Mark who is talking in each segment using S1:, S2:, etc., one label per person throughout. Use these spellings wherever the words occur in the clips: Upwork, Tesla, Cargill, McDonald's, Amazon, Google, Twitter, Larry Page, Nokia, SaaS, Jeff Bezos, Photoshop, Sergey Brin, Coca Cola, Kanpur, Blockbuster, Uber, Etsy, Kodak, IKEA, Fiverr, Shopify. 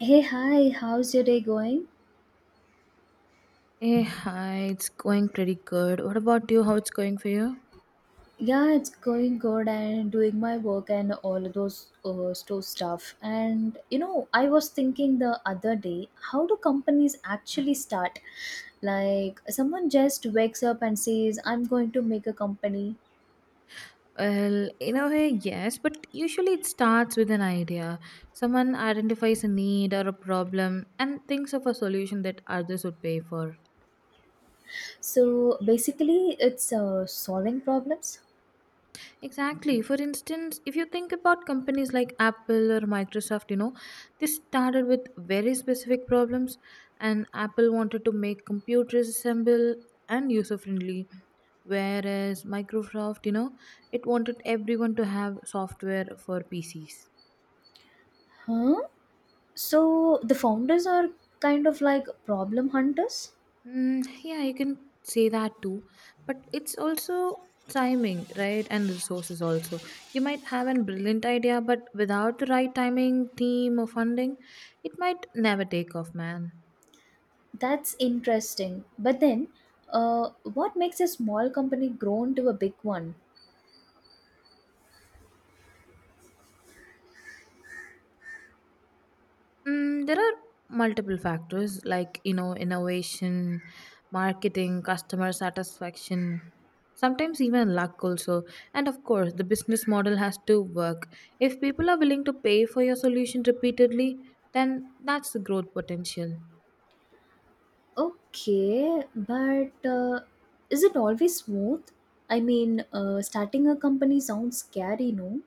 S1: Hey, hi, how's your day going?
S2: Hey, hi, it's going pretty good. What about you? How it's going for you?
S1: Yeah, it's going good and doing my work and all of those store stuff. And you know, I was thinking the other day, how do companies actually start? Like, someone just wakes up and says, I'm going to make a company.
S2: Well, in a way, yes, but usually it starts with an idea. Someone identifies a need or a problem and thinks of a solution that others would pay for.
S1: So basically, it's solving problems.
S2: Exactly. For instance, if you think about companies like Apple or Microsoft, they started with very specific problems, and Apple wanted to make computers assemble and user friendly, whereas Microsoft, it wanted everyone to have software for PCs.
S1: Huh? So the founders are kind of like problem hunters?
S2: Yeah, you can say that too, but it's also timing, right, and resources also. You might have a brilliant idea, but without the right timing, team, or funding, it might never take off, man.
S1: That's interesting. But then, what makes a small company grow into a big one?
S2: There are multiple factors like, innovation, marketing, customer satisfaction, sometimes even luck also. And of course, the business model has to work. If people are willing to pay for your solution repeatedly, then that's the growth potential.
S1: Okay, but is it always smooth? I mean, starting a company sounds scary, no?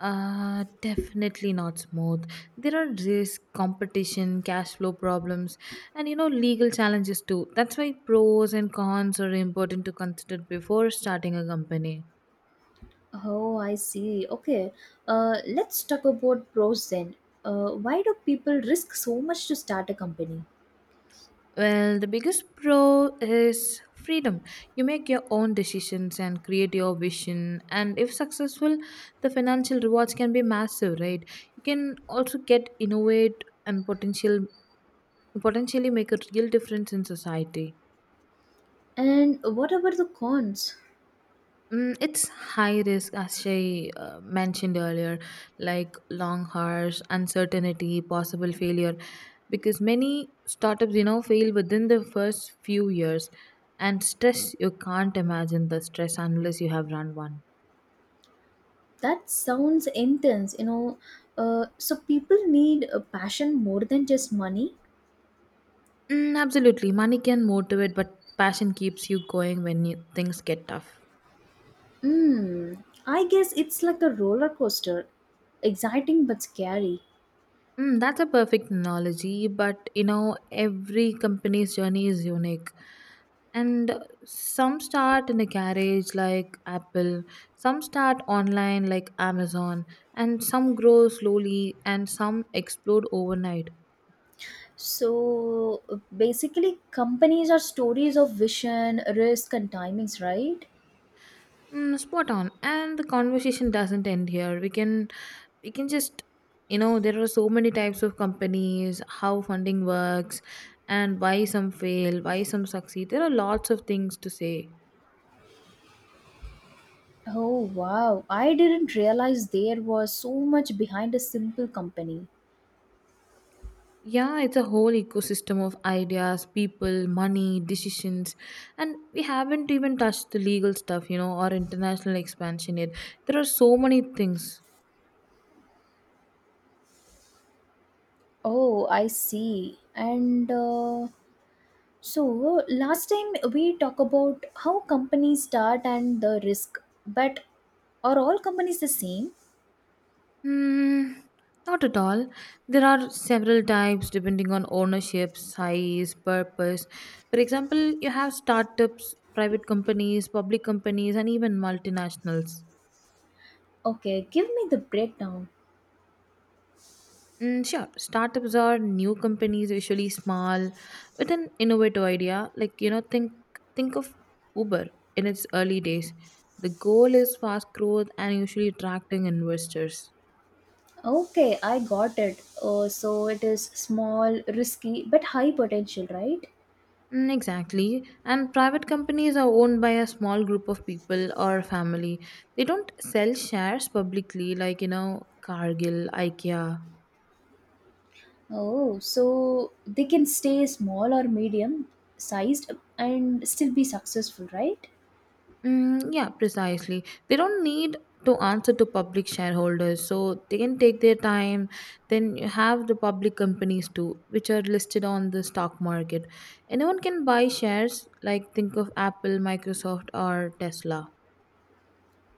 S2: Definitely not smooth. There are risk, competition, cash flow problems, and, legal challenges too. That's why pros and cons are important to consider before starting a company.
S1: Oh, I see. Okay, let's talk about pros then. Why do people risk so much to start a company?
S2: Well, the biggest pro is freedom. You make your own decisions and create your vision. And if successful, the financial rewards can be massive, right? You can also get innovate and potentially make a real difference in society.
S1: And what about the cons?
S2: It's high risk, as Shay mentioned earlier, like long hours, uncertainty, possible failure, because many startups, fail within the first few years, and stress. You can't imagine the stress unless you have run one.
S1: That sounds intense. So people need a passion more than just money.
S2: Absolutely, money can motivate, but passion keeps you going when things get tough.
S1: I guess it's like a roller coaster, exciting but scary.
S2: That's a perfect analogy, but every company's journey is unique. And some start in a garage like Apple, some start online like Amazon, and some grow slowly and some explode overnight.
S1: So basically, companies are stories of vision, risk, and timings, right?
S2: Spot on. And the conversation doesn't end here. We can just there are so many types of companies, how funding works, and why some fail, why some succeed. There are lots of things to say.
S1: Oh wow, I didn't realize there was so much behind a simple company.
S2: Yeah, it's a whole ecosystem of ideas, people, money, decisions, and we haven't even touched the legal stuff, or international expansion yet. There are so many things.
S1: Oh, I see. And so last time we talk about how companies start and the risk, but are all companies the same?
S2: Hmm, not at all. There are several types depending on ownership, size, purpose. For example, you have startups, private companies, public companies, and even multinationals.
S1: Okay, give me the breakdown.
S2: Sure. Startups are new companies, usually small, with an innovative idea. Like, think of Uber in its early days. The goal is fast growth and usually attracting investors.
S1: Okay, I got it. Oh, so it is small, risky, but high potential, right?
S2: Exactly. And private companies are owned by a small group of people or family. They don't sell shares publicly, like, Cargill, IKEA.
S1: Oh, so they can stay small or medium sized and still be successful, right?
S2: Yeah, precisely. They don't need to answer to public shareholders, so they can take their time. Then you have the public companies too, which are listed on the stock market. Anyone can buy shares, like think of Apple, Microsoft, or Tesla.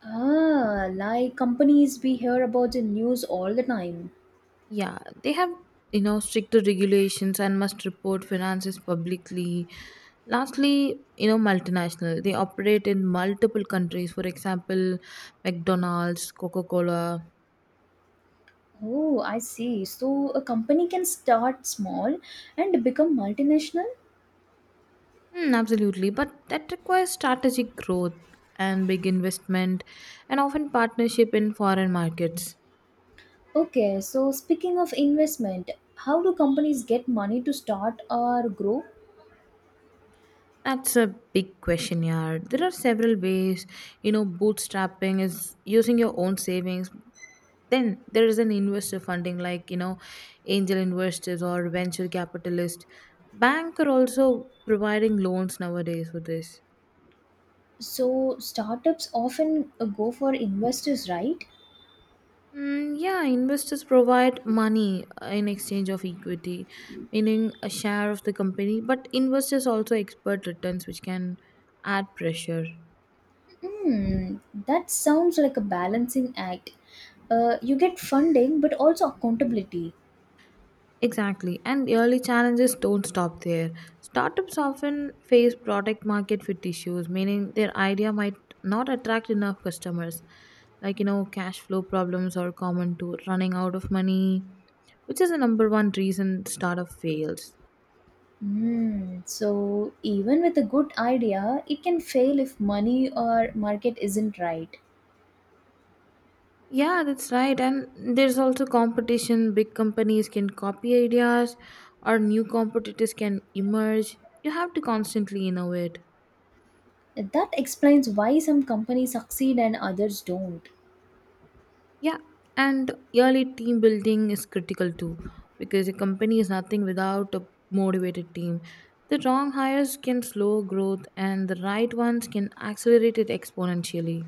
S1: Ah, like companies we hear about in news all the time.
S2: Yeah, they have, stricter regulations and must report finances publicly. Lastly, multinational. They operate in multiple countries. For example, McDonald's, Coca Cola.
S1: Oh, I see. So a company can start small and become multinational?
S2: Hmm, absolutely, but that requires strategic growth and big investment and often partnership in foreign markets.
S1: Okay, so speaking of investment, how do companies get money to start or grow?
S2: That's a big question, yeah. There are several ways. Bootstrapping is using your own savings. Then there is an investor funding like, angel investors or venture capitalists. Bank are also providing loans nowadays for this.
S1: So startups often go for investors, right?
S2: Yeah, investors provide money in exchange of equity, meaning a share of the company, but investors also expect returns which can add pressure.
S1: Hmm, that sounds like a balancing act. You get funding, but also accountability.
S2: Exactly, and early challenges don't stop there. Startups often face product market fit issues, meaning their idea might not attract enough customers. Like, cash flow problems are common to running out of money, which is the number one reason startup fails.
S1: Hmm. So even with a good idea, it can fail if money or market isn't right.
S2: Yeah, that's right. And there's also competition. Big companies can copy ideas, or new competitors can emerge. You have to constantly innovate.
S1: That explains why some companies succeed and others don't.
S2: Yeah, and early team building is critical too, because a company is nothing without a motivated team. The wrong hires can slow growth, and the right ones can accelerate it exponentially.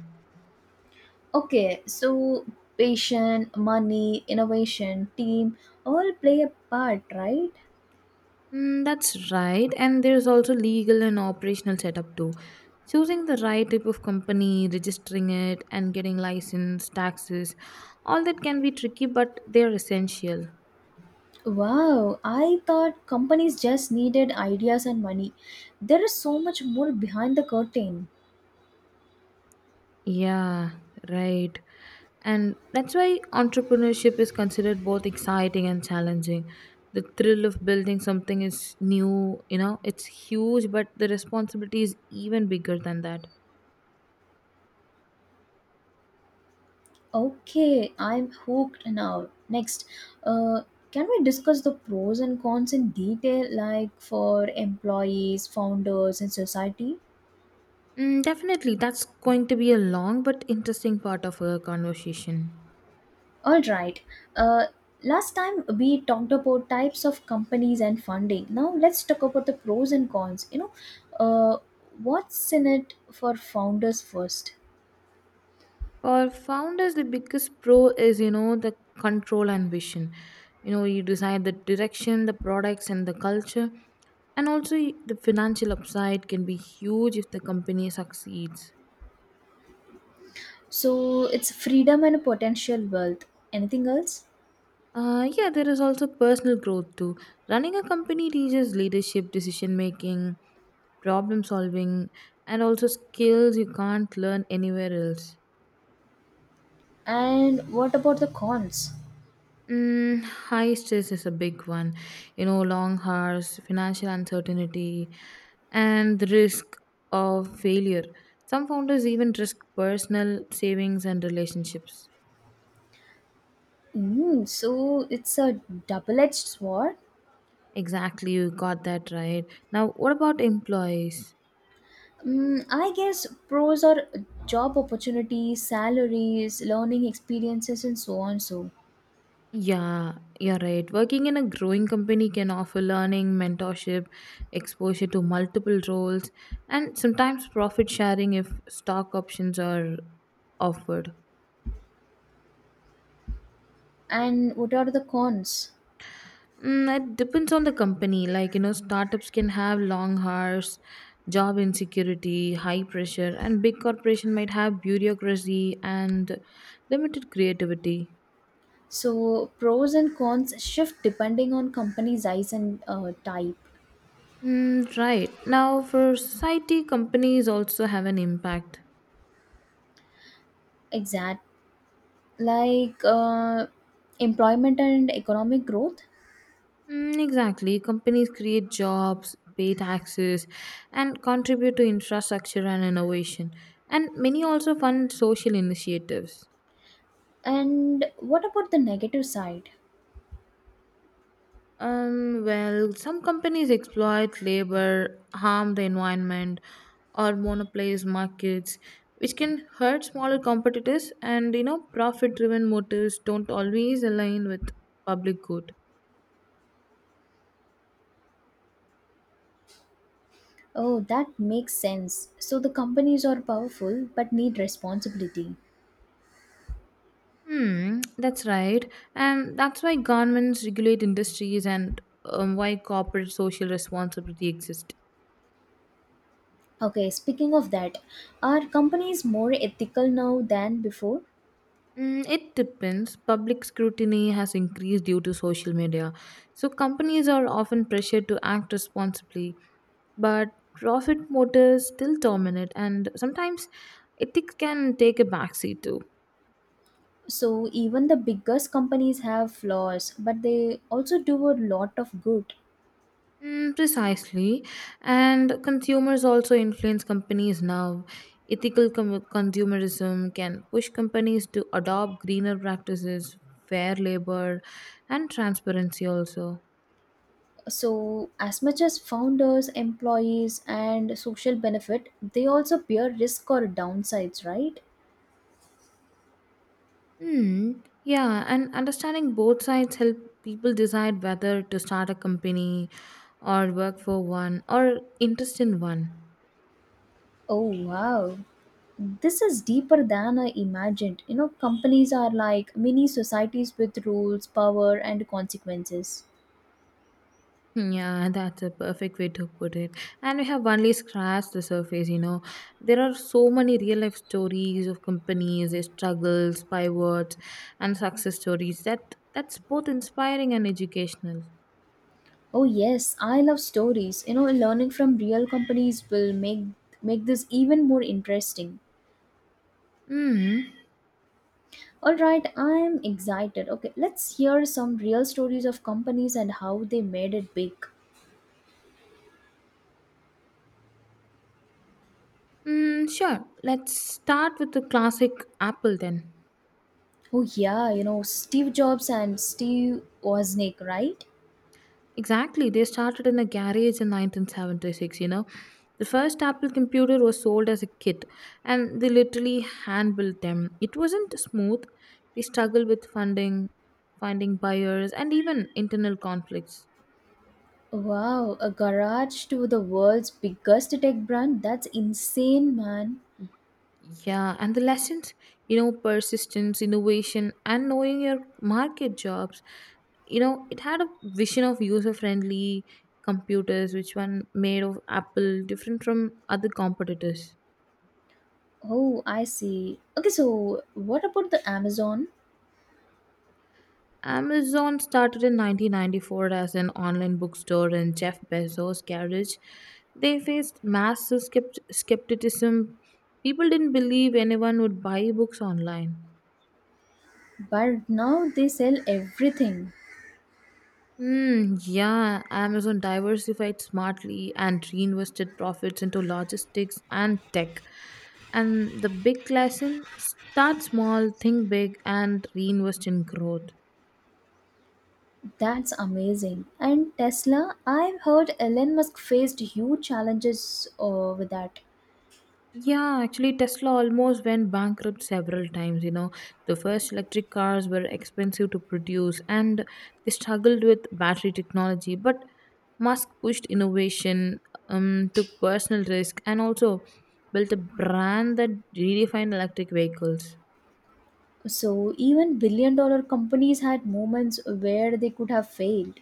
S1: Okay, so patient, money, innovation, team all play a part, right?
S2: That's right. And there's also legal and operational setup too. Choosing the right type of company, registering it, and getting license, taxes, all that can be tricky, but they're essential.
S1: Wow, I thought companies just needed ideas and money. There is so much more behind the curtain.
S2: Yeah, right. And that's why entrepreneurship is considered both exciting and challenging. The thrill of building something is new, it's huge, but the responsibility is even bigger than that.
S1: Okay, I'm hooked now. Next, uh, can we discuss the pros and cons in detail, like for employees, founders, and society?
S2: Definitely, that's going to be a long but interesting part of our conversation.
S1: All right. Uh, last time we talked about types of companies and funding. Now let's talk about the pros and cons. Uh, what's in it for founders first?
S2: For founders, the biggest pro is, the control and vision. You decide the direction, the products, and the culture. And also, the financial upside can be huge if the company succeeds.
S1: So it's freedom and potential wealth. Anything else?
S2: Yeah, there is also personal growth too. Running a company teaches leadership, decision making, problem solving, and also skills you can't learn anywhere else.
S1: And what about the cons?
S2: High stress is a big one. Long hours, financial uncertainty, and the risk of failure. Some founders even risk personal savings and relationships.
S1: So it's a double-edged sword.
S2: Exactly, you got that right. Now, what about employees?
S1: I guess pros are job opportunities, salaries, learning experiences, and so on. So,
S2: Yeah, you're right. Working in a growing company can offer learning, mentorship, exposure to multiple roles, and sometimes profit sharing if stock options are offered.
S1: and what are the cons?
S2: It depends on the company. Like, startups can have long hours, job insecurity, high pressure, and big corporation might have bureaucracy and limited creativity.
S1: So pros and cons shift depending on company size and type.
S2: Right. Now, for society, companies also have an impact.
S1: Exact like employment and economic growth.
S2: Exactly. Companies create jobs, pay taxes, and contribute to infrastructure and innovation. And many also fund social initiatives.
S1: And what about the negative side?
S2: Well, some companies exploit labor, harm the environment, or monopolize markets, which can hurt smaller competitors. And profit-driven motives don't always align with public good.
S1: Oh, that makes sense. So the companies are powerful but need responsibility.
S2: Hmm, that's right. And that's why governments regulate industries and why corporate social responsibility exists.
S1: Okay, speaking of that, are companies more ethical now than before?
S2: It depends. Public scrutiny has increased due to social media, so companies are often pressured to act responsibly, but profit motives still dominate and sometimes ethics can take a backseat too.
S1: So even the biggest companies have flaws, but they also do a lot of good.
S2: Precisely. And consumers also influence companies now. Consumerism can push companies to adopt greener practices, fair labor, and transparency also.
S1: So, as much as founders, employees, and social benefit, they also bear risk or downsides, right?
S2: Hmm. Yeah, and understanding both sides help people decide whether to start a company or work for one or interest in one.
S1: Oh, wow. This is deeper than I imagined. You know, companies are like mini societies with rules, power, and consequences.
S2: Yeah, that's a perfect way to put it. And we have only scratched the surface, There are so many real life stories of companies, their struggles, pivots, and success stories that that's both inspiring and educational.
S1: Oh yes, I love stories. You know, learning from real companies will make this even more interesting.
S2: Mm.
S1: All right, I am excited. Okay, let's hear some real stories of companies and how they made it big.
S2: Sure. Let's start with the classic Apple then.
S1: Oh yeah, you know, Steve Jobs and Steve Wozniak, right?
S2: Exactly. They started in a garage in 1976, The first Apple computer was sold as a kit, and they literally hand built them. It wasn't smooth. They struggled with funding, finding buyers, and even internal conflicts.
S1: Wow, a garage to the world's biggest tech brand? That's insane, man.
S2: Yeah, and the lessons, persistence, innovation, and knowing your market jobs. It had a vision of user friendly computers, which one made of Apple different from other competitors.
S1: Oh, I see. Okay, so what about the Amazon?
S2: Amazon started in 1994 as an online bookstore in Jeff Bezos' garage. They faced massive skepticism. People didn't believe anyone would buy books online.
S1: But now they sell everything.
S2: Yeah, Amazon diversified smartly and reinvested profits into logistics and tech. And the big lesson: start small, think big, and reinvest in growth.
S1: That's amazing. And Tesla, I've heard Elon Musk faced huge challenges with that.
S2: Yeah, actually, Tesla almost went bankrupt several times. The first electric cars were expensive to produce and they struggled with battery technology. But Musk pushed innovation, took personal risk, and also built a brand that redefined electric vehicles.
S1: So even billion dollar companies had moments where they could have failed.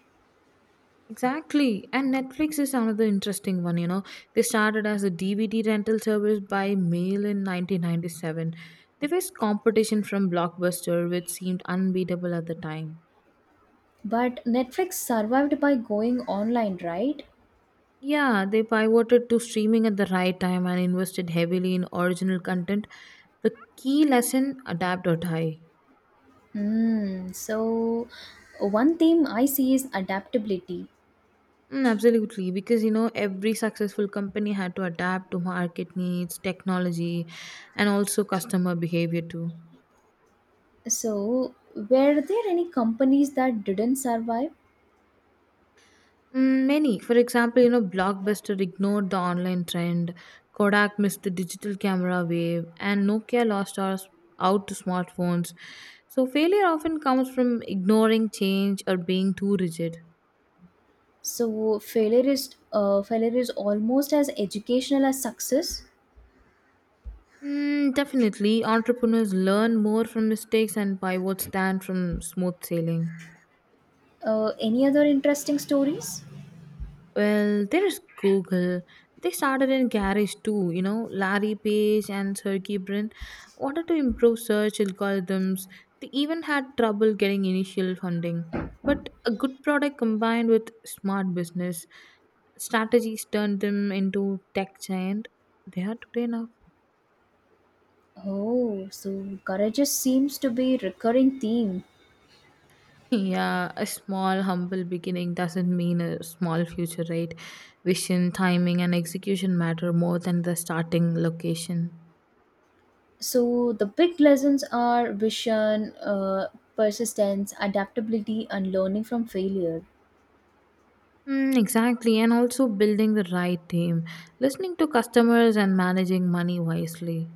S2: Exactly. And Netflix is another interesting one, They started as a DVD rental service by mail in 1997. They faced competition from Blockbuster, which seemed unbeatable at the time.
S1: But Netflix survived by going online, right?
S2: Yeah, they pivoted to streaming at the right time and invested heavily in original content. The key lesson: adapt or die.
S1: Hmm. So one theme I see is adaptability.
S2: Absolutely, because every successful company had to adapt to market needs, technology, and also customer behavior too.
S1: So were there any companies that didn't survive?
S2: Many. For example, Blockbuster ignored the online trend, Kodak missed the digital camera wave, and Nokia lost us out to smartphones. So, failure often comes from ignoring change or being too rigid.
S1: So failure is almost as educational as success.
S2: Definitely, entrepreneurs learn more from mistakes and pivots than from smooth sailing.
S1: Any other interesting stories?
S2: Well, there is Google. They started in garage too, Larry Page and Sergey Brin wanted to improve search algorithms. They even had trouble getting initial funding. But a good product combined with smart business strategies turned them into tech giant. They are today now.
S1: Oh, so seems to be recurring theme.
S2: Yeah, a small, humble beginning doesn't mean a small future, right? Vision, timing, and execution matter more than the starting location.
S1: So the big lessons are vision, uh, persistence, adaptability, and learning from failure.
S2: Exactly, and also building the right team, listening to customers, and managing money wisely.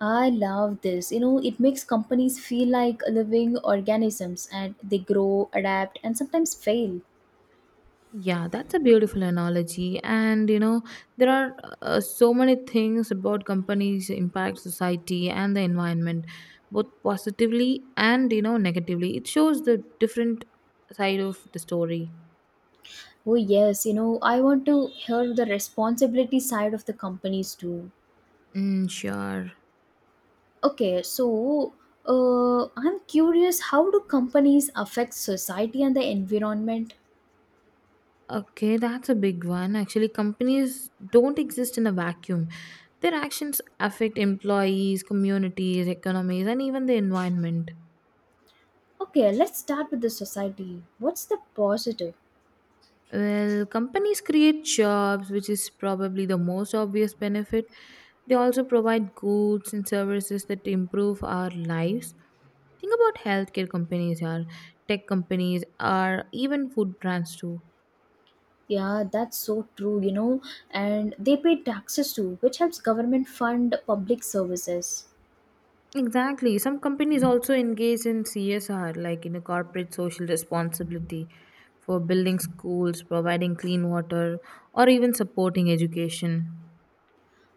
S1: I love this. You know, it makes companies feel like living organisms and they grow, adapt, and sometimes fail.
S2: Yeah, that's a beautiful analogy. And you know, there are so many things about companies impact society and the environment, both positively and negatively. It shows the different side of the story.
S1: Oh, yes, you know, I want to hear the responsibility side of the companies too.
S2: Mm, sure.
S1: Okay, so I'm curious how do companies affect society and the environment?
S2: Okay, that's a big one. Actually, companies don't exist in a vacuum. Their actions affect employees, communities, economies, and even the environment.
S1: Okay, let's start with the society. What's the positive?
S2: Well, companies create jobs, which is probably the most obvious benefit. They also provide goods and services that improve our lives. Think about healthcare companies, or tech companies, or even food brands too.
S1: Yeah, that's so true, you know, and they pay taxes too, which helps government fund public services.
S2: Exactly. Some companies also engage in CSR, like in a corporate social responsibility for building schools, providing clean water, or even supporting education.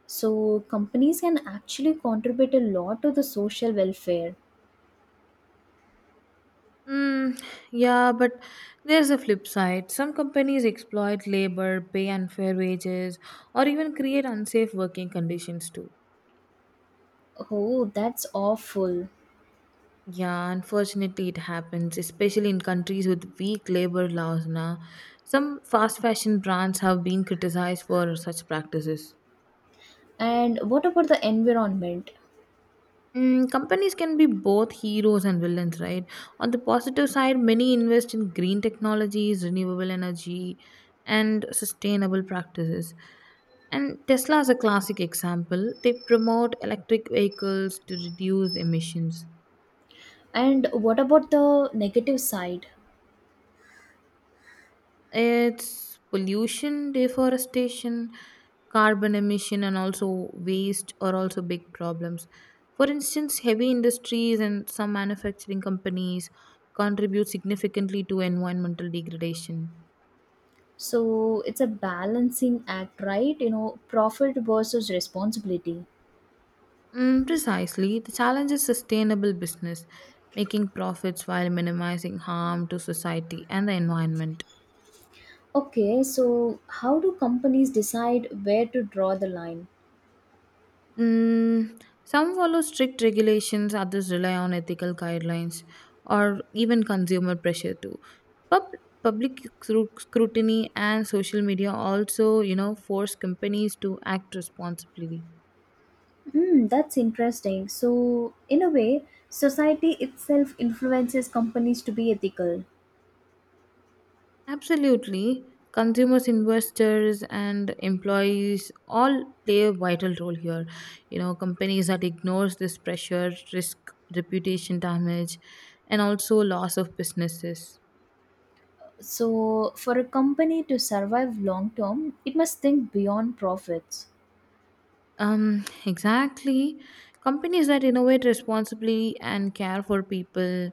S1: So companies can actually contribute a lot to the social welfare.
S2: Mm, yeah, but there's a flip side. Some companies exploit labor, pay unfair wages, or even create unsafe working conditions too.
S1: Oh, that's awful.
S2: Yeah, unfortunately, it happens, especially in countries with weak labor laws. Now, some fast fashion brands have been criticized for such practices.
S1: And what about the environment?
S2: Mm, companies can be both heroes and villains, right? On the positive side, many invest in green technologies, renewable energy, and sustainable practices. And Tesla is a classic example. They promote electric vehicles to reduce emissions.
S1: And what about the negative side?
S2: It's pollution, deforestation, carbon emission, and also waste are also big problems. For instance, heavy industries and some manufacturing companies contribute significantly to environmental degradation.
S1: So it's a balancing act, right? You know, profit versus responsibility.
S2: Mm, precisely, the challenge is sustainable business, making profits while minimizing harm to society and the environment.
S1: Okay, so how do companies decide where to draw the line?
S2: Mm, some follow strict regulations, others rely on ethical guidelines or even consumer pressure too. Pub- public scrutiny and social media also, you know, force companies to act responsibly.
S1: Hmm, that's interesting. So, in a way, society itself influences companies to be ethical.
S2: Absolutely. Consumers, investors, and employees all play a vital role here. You know, companies that ignores this pressure risk reputation damage and also loss of businesses.
S1: So, for a company to survive long term, it must think beyond profits.
S2: Exactly. Companies that innovate responsibly and care for people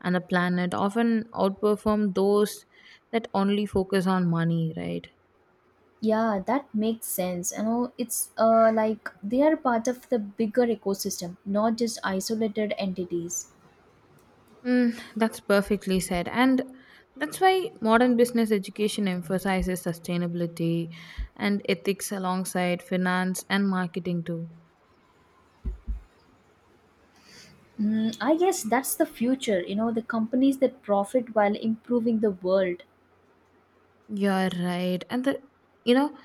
S2: and the planet often outperform those that only focus on money, right?
S1: Yeah, that makes sense. You know, it's like they are part of the bigger ecosystem, not just isolated entities.
S2: Mm, that's perfectly said. And that's why modern business education emphasizes sustainability and ethics alongside finance and marketing, too.
S1: I guess that's the future, you know, the companies that profit while improving the world.
S2: You're right. And the you know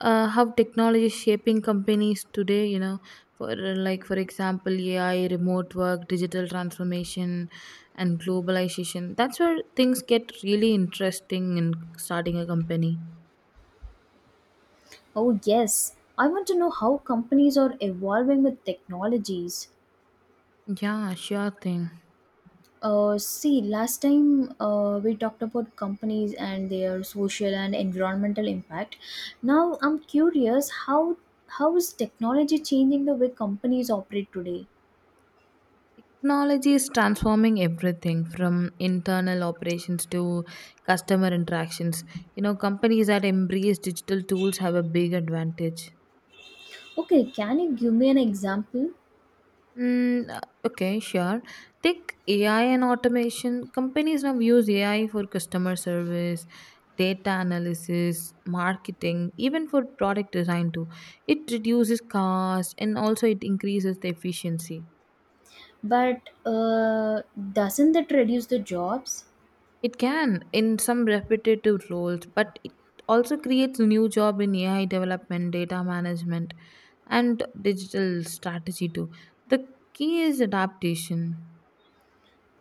S2: how technology is shaping companies today, you know, for like for example AI, remote work, digital transformation and globalization. That's where things get really interesting in starting a company.
S1: Oh, yes. I want to know how companies are evolving with technologies.
S2: Yeah, sure thing.
S1: See, last time we talked about companies and their social and environmental impact. Now I'm curious how is technology changing the way companies operate today?
S2: Technology is transforming everything from internal operations to customer interactions. You know, companies that embrace digital tools have a big advantage.
S1: Okay, can you give me an example?
S2: Mm, uh, okay, sure. Take AI and automation. Companies now use AI for customer service, data analysis, marketing, even for product design too. It reduces cost and also it increases the efficiency.
S1: But doesn't that reduce the jobs?
S2: It can in some repetitive roles, but it also creates new job in AI development, data management, and digital strategy too. The key is adaptation.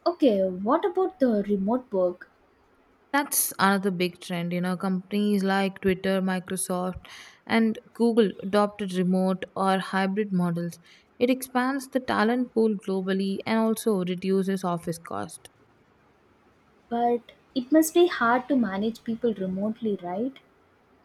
S1: Okay, what about the remote work?
S2: That's another big trend. You know, companies like Twitter, Microsoft, and Google adopted remote or hybrid models. It expands the talent pool globally and also reduces office cost.
S1: But it must be hard to manage people remotely, right?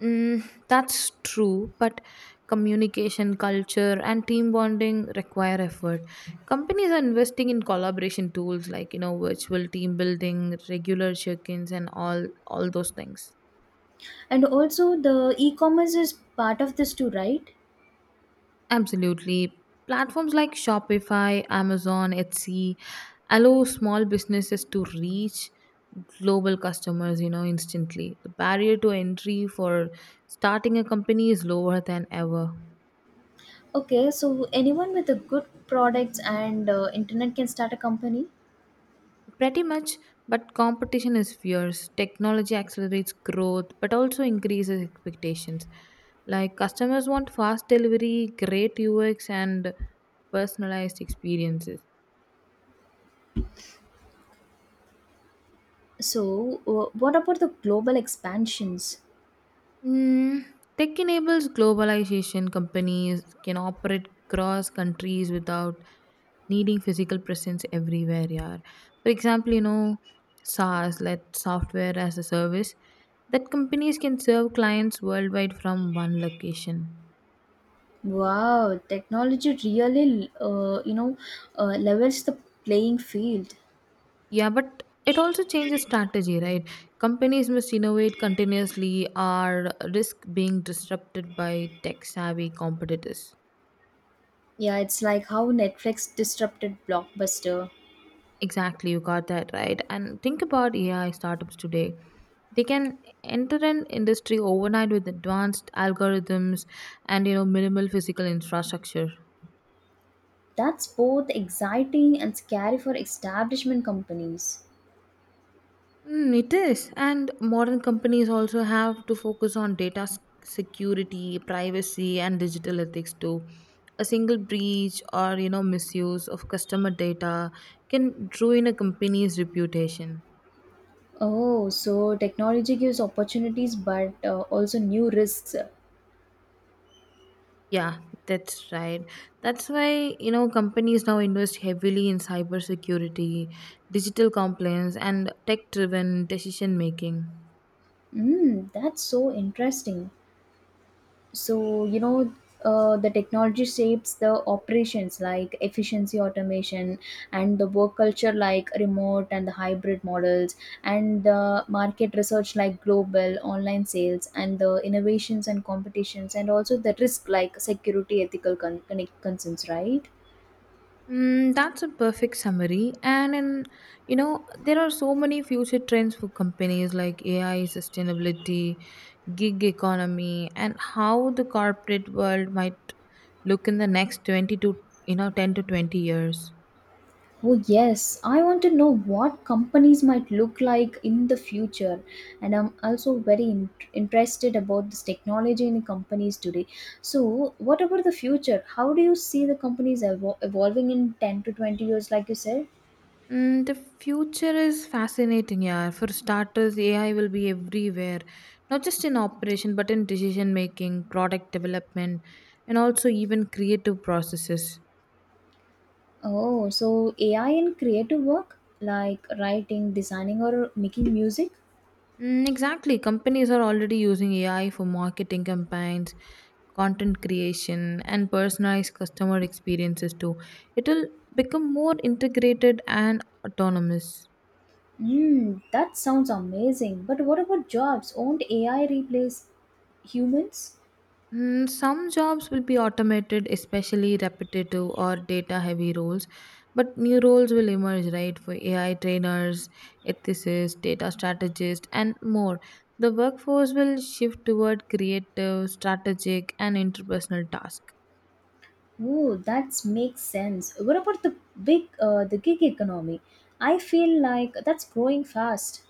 S2: Mm, that's true, but communication, culture, and team bonding require effort. Companies are investing in collaboration tools like you know virtual team building, regular check-ins, and all those things.
S1: And also, the e commerce is part of this too, right?
S2: Absolutely. Platforms like Shopify, Amazon, Etsy allow small businesses to reach global customers, you know, instantly. The barrier to entry for starting a company is lower than ever.
S1: Okay, so anyone with a good products and internet can start a company.
S2: Pretty much, but competition is fierce. Technology accelerates growth but also increases expectations. Like customers want fast delivery, great UX and personalized experiences.
S1: So, what about the global expansions?
S2: Mm, tech enables globalization. Companies can operate cross countries without needing physical presence everywhere. Yeah. For example, you know, SaaS, let software as a service, that companies can serve clients worldwide from one location.
S1: Wow, technology really, levels the playing field.
S2: Yeah, but it also changes strategy, right? Companies must innovate continuously or risk being disrupted by tech savvy competitors.
S1: Yeah, it's like how Netflix disrupted Blockbuster.
S2: Exactly, you got that right. And think about AI startups today. They can enter an industry overnight with advanced algorithms and you know minimal physical infrastructure.
S1: That's both exciting and scary for establishment companies.
S2: Mm, it is, and modern companies also have to focus on security, privacy, and digital ethics too. A single breach or you know misuse of customer data can ruin a company's reputation.
S1: Oh, so technology gives opportunities but also new risks.
S2: Yeah, that's right. That's why, you know, companies now invest heavily in cybersecurity, digital compliance, and tech driven decision making.
S1: That's so interesting. So you know the technology shapes the operations like efficiency automation and the work culture like remote and the hybrid models and the market research like global online sales and the innovations and competitions and also the risk like security ethical concerns, right?
S2: Mm, that's a perfect summary. You know, there are so many future trends for companies like AI, sustainability, gig economy, and how the corporate world might look in the next 20 to, you know, 10 to 20 years.
S1: Oh, yes. I want to know what companies might look like in the future. And I'm also very interested about this technology in companies today. So, what about the future? How do you see the companies evolving in 10 to 20 years, like you said?
S2: Mm, the future is fascinating, yeah. For starters, AI will be everywhere, not just in operation, but in decision making, product development, and also even creative processes.
S1: Oh, so AI in creative work, like writing, designing, or making music?
S2: Mm, exactly. Companies are already using AI for marketing campaigns, content creation, and personalized customer experiences too. It will become more integrated and autonomous.
S1: Hmm, that sounds amazing. But what about jobs? Won't AI replace humans?
S2: Mm, some jobs will be automated, especially repetitive or data heavy roles, but new roles will emerge, right? For AI trainers, ethicists, data strategists, and more. The workforce will shift toward creative, strategic, and interpersonal tasks.
S1: Oh, that makes sense. What about the gig economy? I feel like that's growing fast.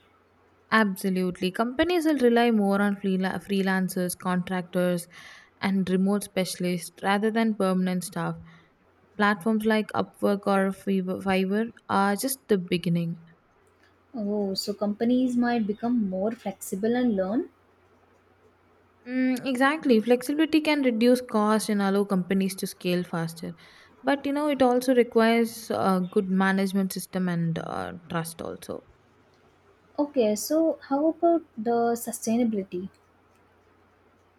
S2: Absolutely. Companies will rely more on freelancers, contractors, and remote specialists rather than permanent staff platforms like Upwork or Fiverr are just the beginning.
S1: Oh, so companies might become more flexible and learn.
S2: Mm, exactly. Flexibility can reduce cost and allow companies to scale faster. But you know, it also requires a good management system and trust, also.
S1: Okay, so how about the sustainability?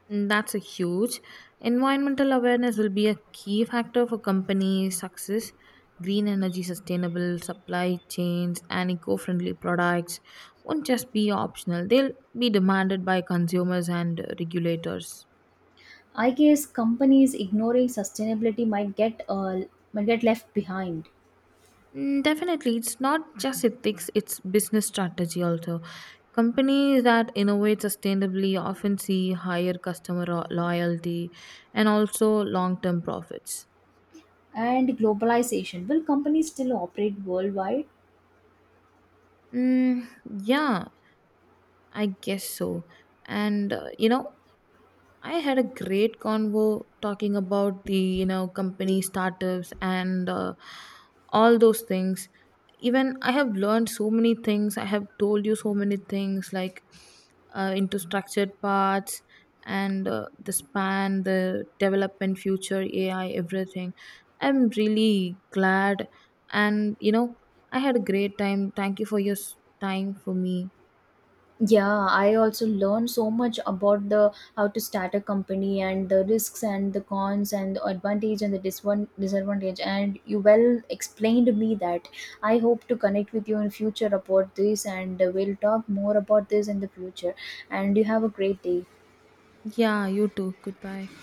S2: And that's a huge. Environmental awareness will be a key factor for company success. Green energy, sustainable supply chains, and eco friendly products won't just be optional, they'll be demanded by consumers and regulators.
S1: I guess companies ignoring sustainability might get left behind.
S2: Mm, definitely, it's not just ethics, it's business strategy also. Companies that innovate sustainably often see higher customer loyalty and also long term profits.
S1: And globalization. Will companies still operate worldwide?
S2: Mm, yeah, I guess so. And you know, I had a great convo talking about the you know company startups and all those things. Even I have learned so many things. I have told you so many things like into structured parts and the span, the development, future AI, everything. I'm really glad, and you know I had a great time. Thank you for your time for me.
S1: Yeah, I also learned so much about the how to start a company and the risks and the cons and the advantage and the disadvantage and you well explained me that. I hope to connect with you in future about this and we'll talk more about this in the future. And you have a great day.
S2: Yeah, you too. Goodbye.